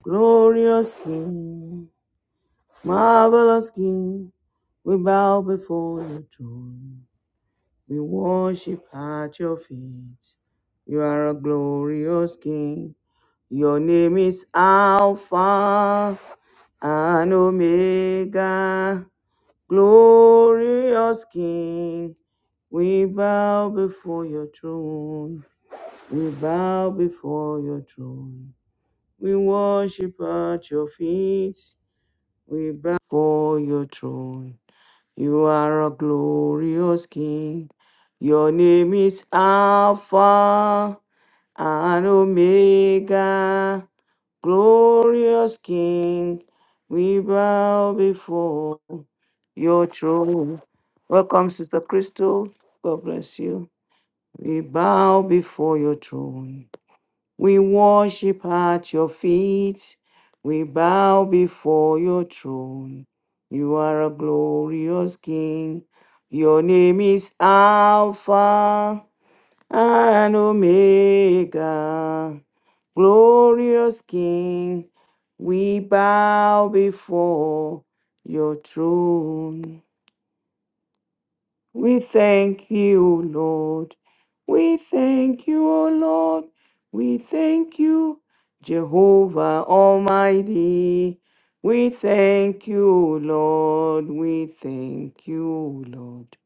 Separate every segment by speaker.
Speaker 1: Glorious King, marvelous King, we bow before your throne. We worship at your feet. You are a glorious King. Your name is Alpha and Omega. Glorious King, we bow before your throne. We bow before your throne. We worship at your feet. We bow for your throne. You are a glorious King. Your name is Alpha and Omega. Glorious King, we bow before your throne. Welcome, Sister Crystal. God bless you. We bow before your throne. We worship at your feet. We bow before your throne. You are a glorious King. Your name is Alpha and Omega. Glorious King, we bow before your throne. We thank you, O Lord. We thank you, O Lord. We thank you, Jehovah Almighty. We thank you, O Lord. We thank you, O Lord.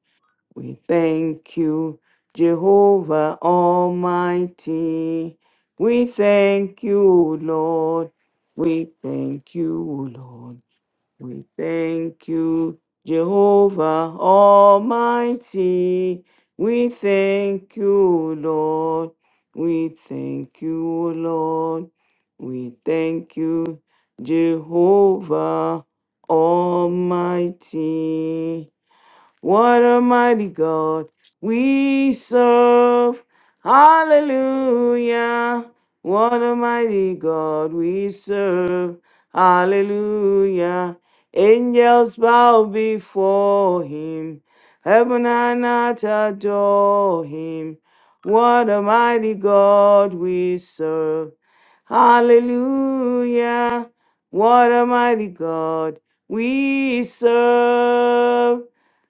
Speaker 1: We thank you, Jehovah Almighty. We thank you, O Lord. We thank you, O Lord. We thank you, Jehovah Almighty. We thank you, Lord. We thank you, Lord. We thank you, Jehovah Almighty. What a mighty God we serve. Hallelujah. What a mighty God we serve. Hallelujah. Angels bow before him. Heaven and earth adore him. What a mighty God we serve. Hallelujah. What a mighty God we serve.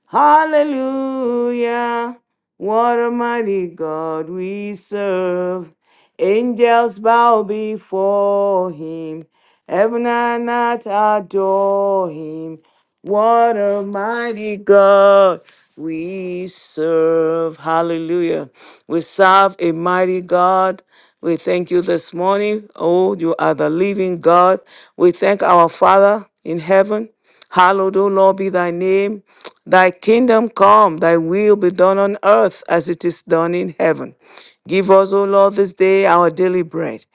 Speaker 1: Hallelujah. What a mighty God we serve. Angels bow before him. Heaven and earth adore him. What a mighty God we serve. Hallelujah. We serve a mighty God. We thank you this morning. Oh, you are the living God. We thank our Father in heaven. Hallowed, O Lord, be thy name. Thy kingdom come, thy will be done on earth as it is done in heaven. Give us, O Lord, this day our daily bread.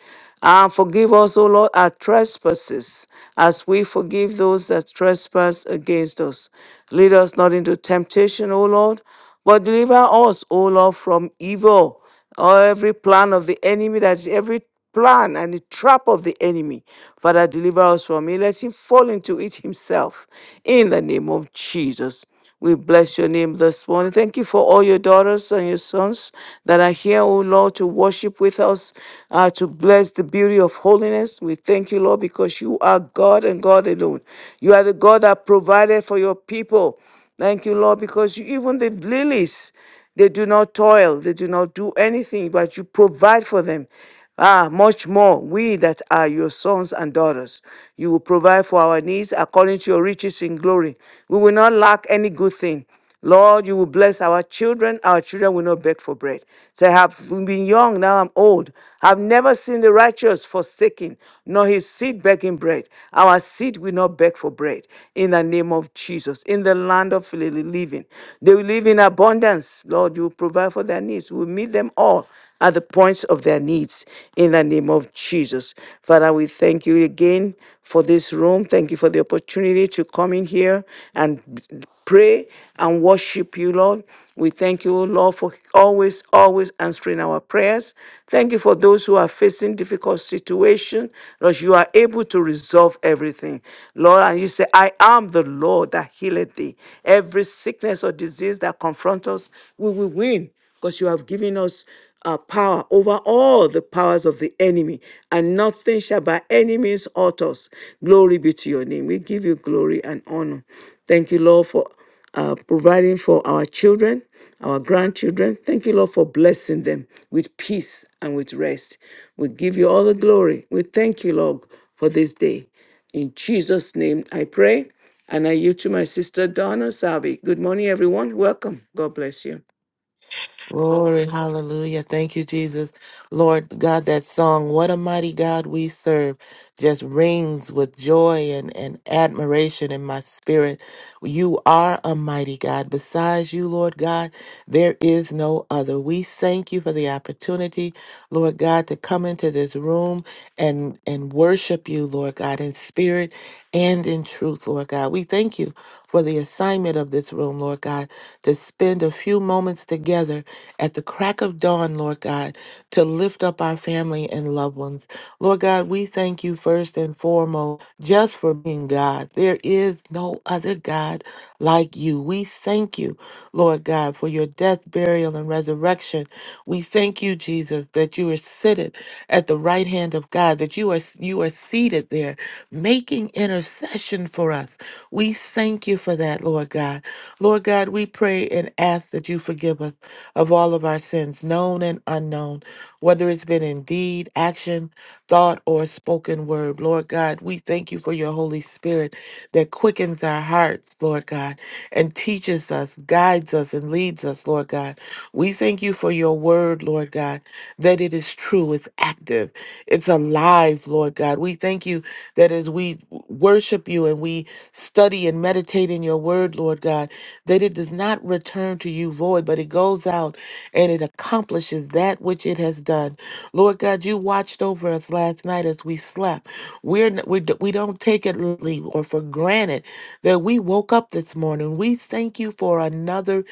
Speaker 1: And forgive us, O Lord, our trespasses, as we forgive those that trespass against us. Lead us not into temptation, O Lord, but deliver us, O Lord, from evil. Oh, every plan of the enemy, that's every plan and the trap of the enemy. Father, deliver us from it. Let him fall into it himself. In the name of Jesus. We bless your name this morning. Thank you for all your daughters and your sons that are here, O Lord, to worship with us, uh, to bless the beauty of holiness. We thank you, Lord, because you are God and God alone. You are the God that provided for your people. Thank you, Lord, because you, even the lilies. They do not toil, they do not do anything, but you provide for them. Ah, much more, we that are your sons and daughters. You will provide for our needs according to your riches in glory. We will not lack any good thing. Lord, you will bless our children. Our children will not beg for bread. Say, I have been young, now I'm old. I've never seen the righteous forsaken, nor his seed begging bread. Our seed will not beg for bread. In the name of Jesus, in the land of li- living, they will live in abundance. Lord, you will provide for their needs. We meet them all at the points of their needs in the name of Jesus. Father, we thank you again for this room. Thank you for the opportunity to come in here and pray and worship you, Lord. We thank you, Lord, for always, always answering our prayers. Thank you for those who are facing difficult situations. Lord, you are able to resolve everything. Lord, and you say, I am the Lord that healeth thee. Every sickness or disease that confronts us, we will win because you have given us uh, power over all the powers of the enemy, and nothing shall by any means hurt us. Glory be to your name. We give you glory and honor. Thank you, Lord, for uh, providing for our children, our grandchildren. Thank you, Lord, for blessing them with peace and with rest. We give you all the glory. We thank you, Lord, for this day. In Jesus' name, I pray. And I yield to my sister Donna Savi. Good morning, everyone. Welcome. God bless you.
Speaker 2: Glory, hallelujah. Thank you, Jesus. Lord God, that song, What a Mighty God We Serve, just rings with joy and, and admiration in my spirit. You are a mighty God. Besides you, Lord God, there is no other. We thank you for the opportunity, Lord God, to come into this room and, and worship you, Lord God, in spirit and in truth, Lord God. We thank you for the assignment of this room, Lord God, to spend a few moments together at the crack of dawn have done, Lord God, to lift up our family and loved ones. Lord God, we thank you first and foremost just for being God. There is no other God like you. We thank you, Lord God, for your death, burial, and resurrection. We thank you, Jesus, that you are seated at the right hand of God, that you are you are seated there making intercession for us. We thank you for that, Lord God. Lord God, we pray and ask that you forgive us of all of our sins, known and unknown, whether it's been in deed, action, thought, or spoken word. Lord God, we thank you for your Holy Spirit that quickens our hearts, Lord God, and teaches us, guides us, and leads us, Lord God. We thank you for your word, Lord God, that it is true, it's active, it's alive, Lord God. We thank you that as we worship you and we study and meditate in your word, Lord God, that it does not return to you void, but it goes out and it accomplishes that which it has done. Lord God, you watched over us last night as we slept. We're, n- we, d- we don't take it lightly or for granted that we woke up this morning. We thank you for another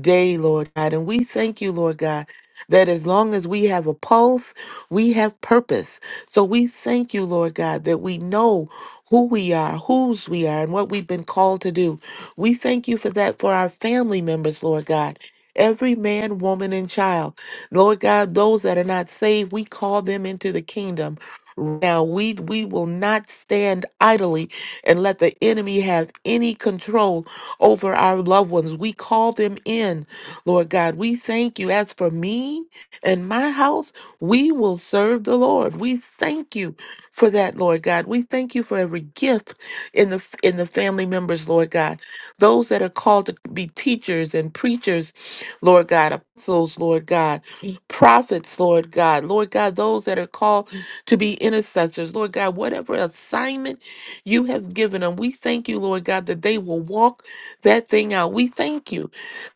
Speaker 2: day, Lord God. And we thank you, Lord God, that as long as we have a pulse, we have purpose. So we thank you, Lord God, that we know who we are, whose we are, and what we've been called to do. We thank you for that for our family members, Lord God. Every man, woman, and child. Lord God, those that are not saved, we call them into the kingdom. Now we we will not stand idly and let the enemy have any control over our loved ones. We call them in, Lord God. We thank you. As for me and my house, we will serve the Lord. We thank you for that, Lord God. We thank you for every gift in the in the family members, Lord God. Those that are called to be teachers and preachers, Lord God, apostles, Lord God, prophets, Lord God, Lord God, those that are called to be intercessors, Lord God, whatever assignment you have given them, we thank you, Lord God, that they will walk that thing out. We thank you.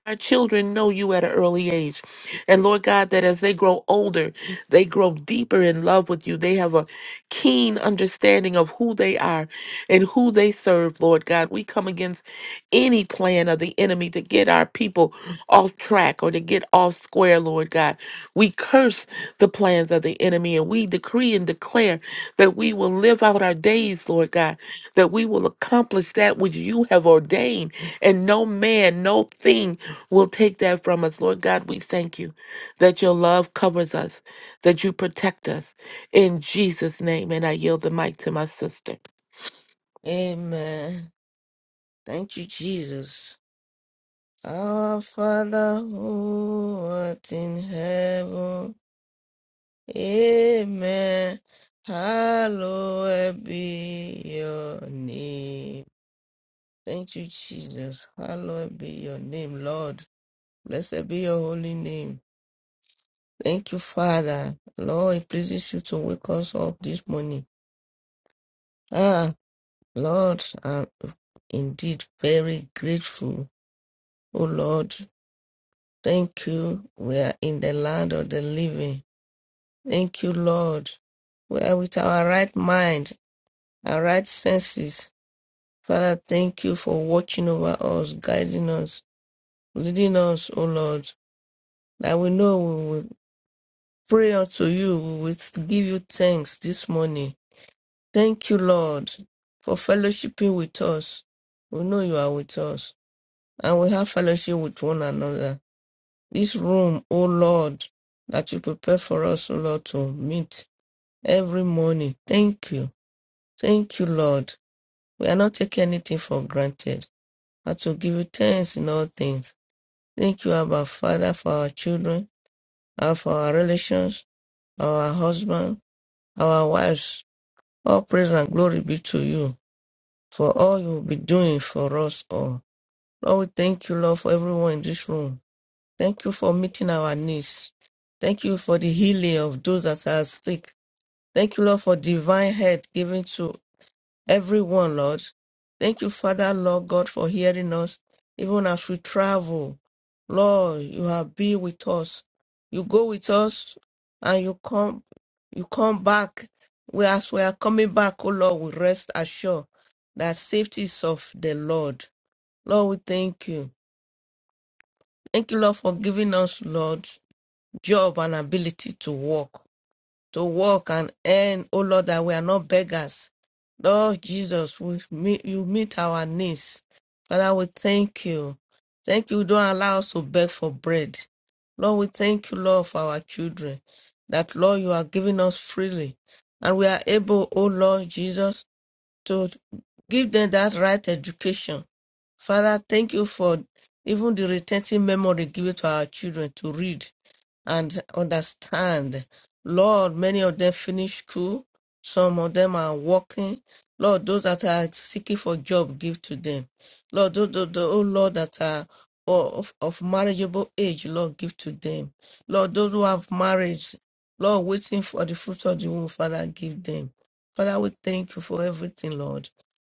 Speaker 2: Our children know you at an early age. And Lord God, that as they grow older, they grow deeper in love with you. They have a keen understanding of who they are and who they serve, Lord God. We come against any plan of the enemy to get our people off track or to get off square, Lord God. We curse the plans of the enemy and we decree and declare that we will live out our days, Lord God, that we will accomplish that which you have ordained, and no man, no thing will take that from us, Lord God. We thank you that your love covers us, that you protect us. In Jesus' name, and I yield the mic to my sister.
Speaker 3: Amen. Thank you, Jesus. Our Father who art in heaven. Amen. Hallowed be your name. Thank you, Jesus. Hallowed be your name, Lord. Blessed be your holy name. Thank you, Father. Lord, it pleases you to wake us up this morning. Ah, Lord, I'm indeed very grateful. Oh Lord, Thank you. We are in the land of the living. Thank you, Lord. We are with our right mind, our right senses. Father, thank you for watching over us, guiding us, leading us, O Lord. That we know we will pray unto you, we will give you thanks this morning. Thank you, Lord, for fellowshipping with us. We know you are with us, and we have fellowship with one another. this room, O Lord, that you prepare for us, O Lord, to meet every morning. Thank you. Thank you, Lord. We are not taking anything for granted, but to give you thanks in all things. Thank you, Abba Father, for our children, and for our relations, our husband, our wives. All praise and glory be to you for all you will be doing for us all. Lord, we thank you, Lord, for everyone in this room. Thank you for meeting our needs. Thank you for the healing of those that are sick. Thank you, Lord, for divine health given to everyone, Lord. Thank you, Father, Lord God, for hearing us even as we travel. Lord, you have be with us. You go with us and you come you come back. We as we are coming back, oh Lord, we rest assured that safety is of the Lord. Lord, we thank you. Thank you, Lord, for giving us, Lord job and ability to work, to work and earn. Oh Lord, that we are not beggars. Lord Jesus, we meet, you meet our needs. Father, we thank you. Thank you. Don't allow us to beg for bread. Lord, we thank you, Lord, for our children. That, Lord, you are giving us freely. And we are able, oh Lord Jesus, to give them that right education. Father, thank you for even the retentive memory given to our children to read and understand. Lord, many of them finish school. Some of them are working. Lord, those that are seeking for job, give to them. Lord, those, those, those oh Lord, that are of, of marriageable age, Lord, give to them. Lord, those who have marriage, Lord, waiting for the fruit of the womb, Father, give them. Father, we thank you for everything, Lord.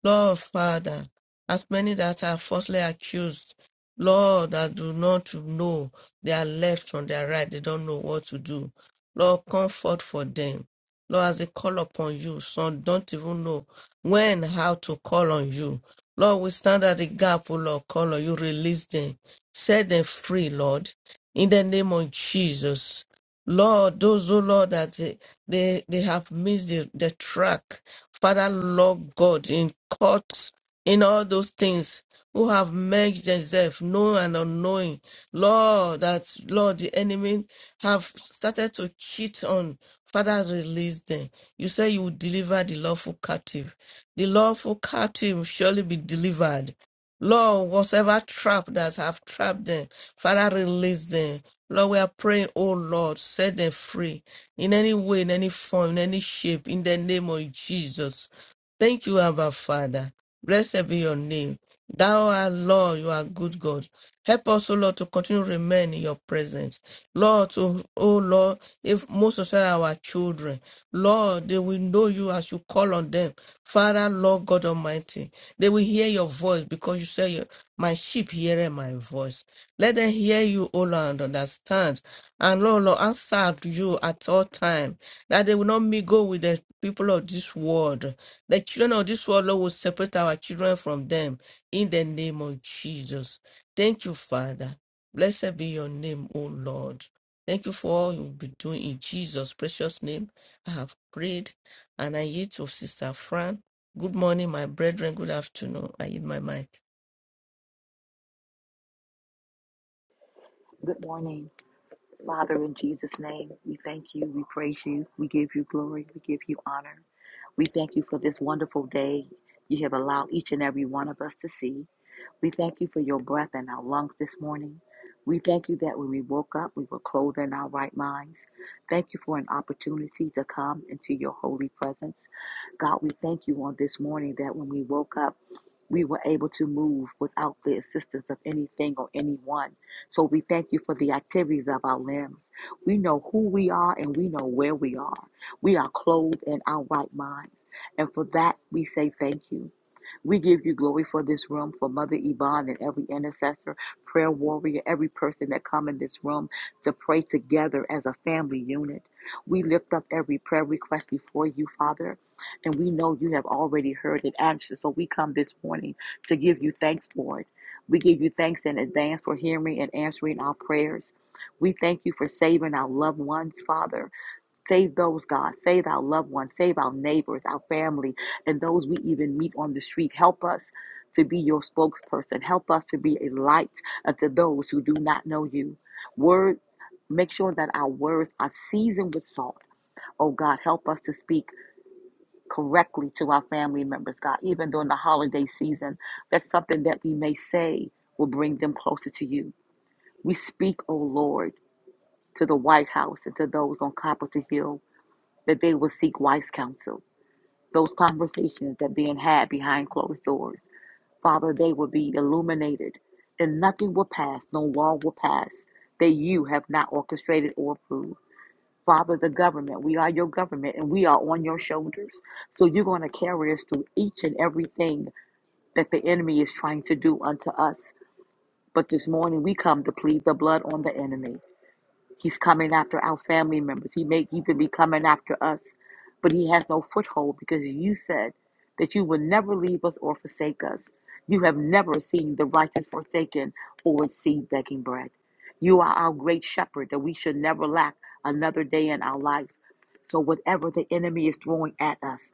Speaker 3: Lord, Father, as many that are falsely accused, Lord, that do not know their left from their right. They don't know what to do. Lord, comfort for them. Lord, as they call upon you, some don't even know when, how to call on you. Lord, we stand at the gap, oh Lord, call on you, release them, set them free, Lord, in the name of Jesus. Lord, those, oh Lord, that they, they, they have missed the, the track. Father, Lord God, in courts, in all those things who have merged themselves, known and unknowing. Lord, that Lord, the enemy have started to cheat on. Father, release them. You say you will deliver the lawful captive. The lawful captive will surely be delivered. Lord, whatever trap that have trapped them, Father, release them. Lord, we are praying, oh Lord, set them free in any way, in any form, in any shape, in the name of Jesus. Thank you, Abba Father. Blessed be your name. Thou art Lord, you are good God. Help us, O Lord, to continue to remain in your presence. Lord, to, oh Lord, if most of them our children, Lord, they will know you as you call on them. Father, Lord God Almighty, they will hear your voice because you say, your- My sheep hear my voice. Let them hear you, O Lord, and understand. And Lord, Lord, answer to you at all time, that they will not mingle with the people of this world. The children of this world, Lord, will separate our children from them in the name of Jesus. Thank you, Father. Blessed be your name, O Lord. Thank you for all you'll be doing in Jesus' precious name. I have prayed and I yield to Sister Fran. Good morning, my brethren. Good afternoon. I yield my mic.
Speaker 4: Good morning. Father, in Jesus' name, we thank you, we praise you, we give you glory, we give you honor. We thank you for this wonderful day you have allowed each and every one of us to see. We thank you for your breath in our lungs this morning. We thank you that when we woke up, we were clothed in our right minds. Thank you for an opportunity to come into your holy presence. God, we thank you on this morning that when we woke up, we were able to move without the assistance of anything or anyone. So we thank you for the activities of our limbs. We know who we are and we know where we are. We are clothed in our right minds. And for that, we say thank you. We give you glory for this room, for Mother Yvonne and every intercessor, prayer warrior, every person that come in this room to pray together as a family unit. We lift up every prayer request before you, Father, and we know you have already heard it answered. So we come this morning to give you thanks for it. We give you thanks in advance for hearing and answering our prayers. We thank you for saving our loved ones, Father. Save those, God. Save our loved ones. Save our neighbors, our family, and those we even meet on the street. Help us to be your spokesperson. Help us to be a light unto those who do not know you. Word, make sure that our words are seasoned with salt. Oh God, help us to speak correctly to our family members, God, even during the holiday season. That's something that we may say will bring them closer to you. We speak, oh Lord, to the White House and to those on Capitol Hill that they will seek wise counsel. Those conversations that being had behind closed doors, Father, they will be illuminated, and nothing will pass, no law will pass that you have not orchestrated or approved. Father, the government, we are your government and we are on your shoulders. So you're going to carry us through each and everything that the enemy is trying to do unto us. But this morning we come to plead the blood on the enemy. He's coming after our family members. He may even be coming after us, but he has no foothold because you said that you would never leave us or forsake us. You have never seen the righteous forsaken or a seed begging bread. You are our great shepherd that we should never lack another day in our life. So, whatever the enemy is throwing at us,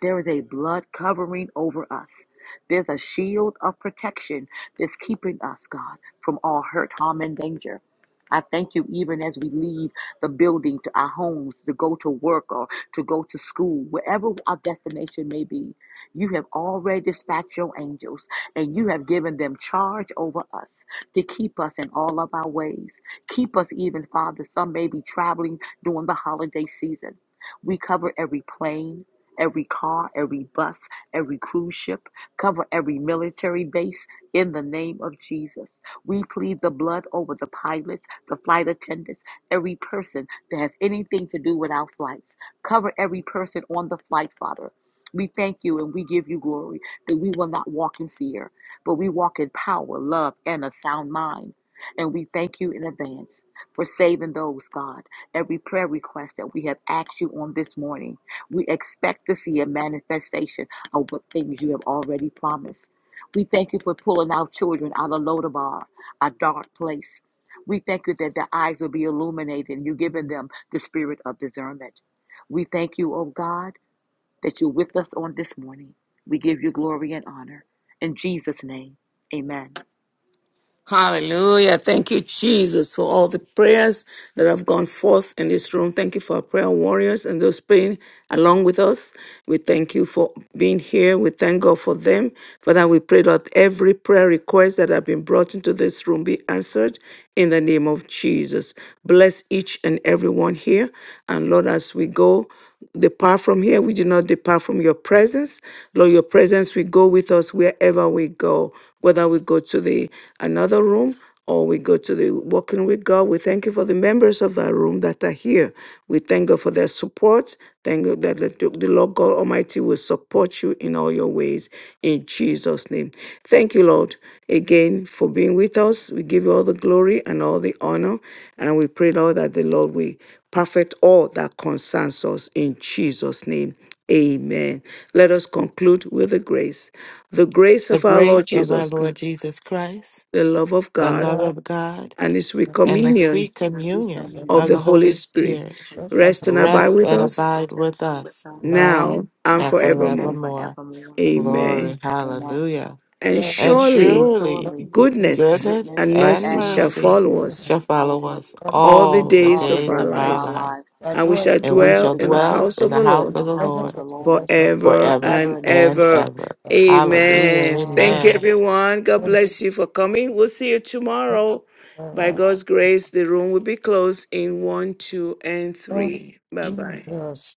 Speaker 4: there is a blood covering over us. There's a shield of protection that's keeping us, God, from all hurt, harm, and danger. I thank you even as we leave the building to our homes to go to work or to go to school, wherever our destination may be. You have already dispatched your angels and you have given them charge over us to keep us in all of our ways. Keep us even, Father. Some may be traveling during the holiday season. We cover every plane, every car, every bus, every cruise ship, cover every military base in the name of Jesus. We plead the blood over the pilots, the flight attendants, every person that has anything to do with our flights. Cover every person on the flight, Father. We thank you and we give you glory that we will not walk in fear, but we walk in power, love, and a sound mind. And we thank you in advance for saving those, God. Every prayer request that we have asked you on this morning, we expect to see a manifestation of what things you have already promised. We thank you for pulling our children out of Lodabar, a dark place. We thank you that their eyes will be illuminated and you're giving them the spirit of discernment. We thank you, oh God, that you're with us on this morning. We give you glory and honor. In Jesus' name, amen.
Speaker 1: Hallelujah. Thank you, Jesus, for all the prayers that have gone forth in this room. Thank you for our prayer warriors and those praying along with us. We thank you for being here. We thank God for them. Father, we pray that every prayer request that have been brought into this room be answered in the name of Jesus. Bless each and every one here. And Lord, as we go, depart from here. We do not depart from your presence. Lord, your presence will go with us wherever we go, whether we go to the another room or we go to the walking with God. We thank you for the members of that room that are here. We thank God for their support. Thank you that the the Lord God Almighty will support you in all your ways in Jesus' name. Thank you, Lord, again for being with us. We give you all the glory and all the honor, and we pray, Lord, that the Lord will perfect all that concerns us in Jesus' name. Amen. Let us conclude with the grace. The grace of
Speaker 2: The
Speaker 1: our Lord
Speaker 2: grace of our
Speaker 1: Jesus
Speaker 2: Lord
Speaker 1: Christ,
Speaker 2: Jesus Christ,
Speaker 1: the love of
Speaker 2: the
Speaker 3: Of
Speaker 1: God,
Speaker 2: love
Speaker 3: God,
Speaker 2: of God,
Speaker 1: and his sweet
Speaker 2: and the
Speaker 1: communion
Speaker 2: sweet
Speaker 4: And the
Speaker 3: this is
Speaker 4: Receive
Speaker 3: for
Speaker 2: communion
Speaker 3: the
Speaker 1: of
Speaker 3: Holy
Speaker 2: of
Speaker 1: the
Speaker 4: communion,
Speaker 2: the
Speaker 1: Holy
Speaker 2: Holy
Speaker 1: Spirit
Speaker 2: Spirit
Speaker 4: Holy
Speaker 3: Ghost
Speaker 4: Spirit.
Speaker 3: and
Speaker 1: rest
Speaker 3: the
Speaker 1: and
Speaker 3: Father,
Speaker 1: abide
Speaker 2: rest
Speaker 1: with
Speaker 2: and
Speaker 1: us
Speaker 4: Rest
Speaker 2: abide
Speaker 4: and
Speaker 2: with
Speaker 4: abide with
Speaker 2: us
Speaker 4: us
Speaker 3: now,
Speaker 1: now
Speaker 2: now
Speaker 1: and
Speaker 2: and
Speaker 4: now and
Speaker 1: forevermore.
Speaker 2: forevermore.
Speaker 4: forevermore.
Speaker 1: Amen.
Speaker 2: Glory,
Speaker 4: Amen.
Speaker 2: hallelujah.
Speaker 1: And
Speaker 2: And
Speaker 3: forever, in
Speaker 4: And
Speaker 1: surely
Speaker 2: surely
Speaker 4: surely
Speaker 3: the goodness and
Speaker 1: goodness
Speaker 3: the
Speaker 2: goodness
Speaker 4: goodness
Speaker 1: and
Speaker 2: and
Speaker 1: mercy
Speaker 4: and
Speaker 1: shall
Speaker 2: mercy
Speaker 4: mercy
Speaker 1: follow
Speaker 3: spirit of
Speaker 2: shall
Speaker 1: us
Speaker 4: follow
Speaker 2: follow
Speaker 4: us
Speaker 2: us
Speaker 3: God be
Speaker 1: all
Speaker 3: with
Speaker 1: the
Speaker 2: all
Speaker 3: you.
Speaker 2: the
Speaker 1: days
Speaker 4: all the
Speaker 1: of
Speaker 2: days
Speaker 1: our
Speaker 4: days
Speaker 2: of
Speaker 4: of
Speaker 2: our
Speaker 4: our
Speaker 1: lives,
Speaker 2: life,
Speaker 4: lives.
Speaker 1: and we
Speaker 3: Adore
Speaker 1: shall
Speaker 2: and
Speaker 3: God
Speaker 2: we
Speaker 4: We
Speaker 1: dwell
Speaker 2: shall
Speaker 4: shall
Speaker 1: in the
Speaker 2: dwell
Speaker 4: dwell
Speaker 1: house
Speaker 2: in
Speaker 1: of
Speaker 2: the
Speaker 1: the
Speaker 2: house
Speaker 3: in
Speaker 4: in
Speaker 1: Lord
Speaker 3: the
Speaker 4: the
Speaker 2: of the
Speaker 4: house of
Speaker 3: presence
Speaker 2: Lord
Speaker 4: the
Speaker 3: of the
Speaker 4: Lord
Speaker 3: Lord of
Speaker 1: forever
Speaker 2: forever
Speaker 4: forever
Speaker 1: and
Speaker 4: and ever.
Speaker 2: and
Speaker 1: ever.
Speaker 2: ever. Hallelujah.
Speaker 1: Amen.
Speaker 4: Amen.
Speaker 3: the earth
Speaker 1: Thank you,
Speaker 2: Amen.
Speaker 1: everyone. God
Speaker 3: and
Speaker 1: bless you for coming. We'll see you tomorrow. By
Speaker 3: forever.
Speaker 1: God's grace, the room will be closed in one, two, and
Speaker 3: Lord
Speaker 1: three. Bye bye.
Speaker 3: Jesus.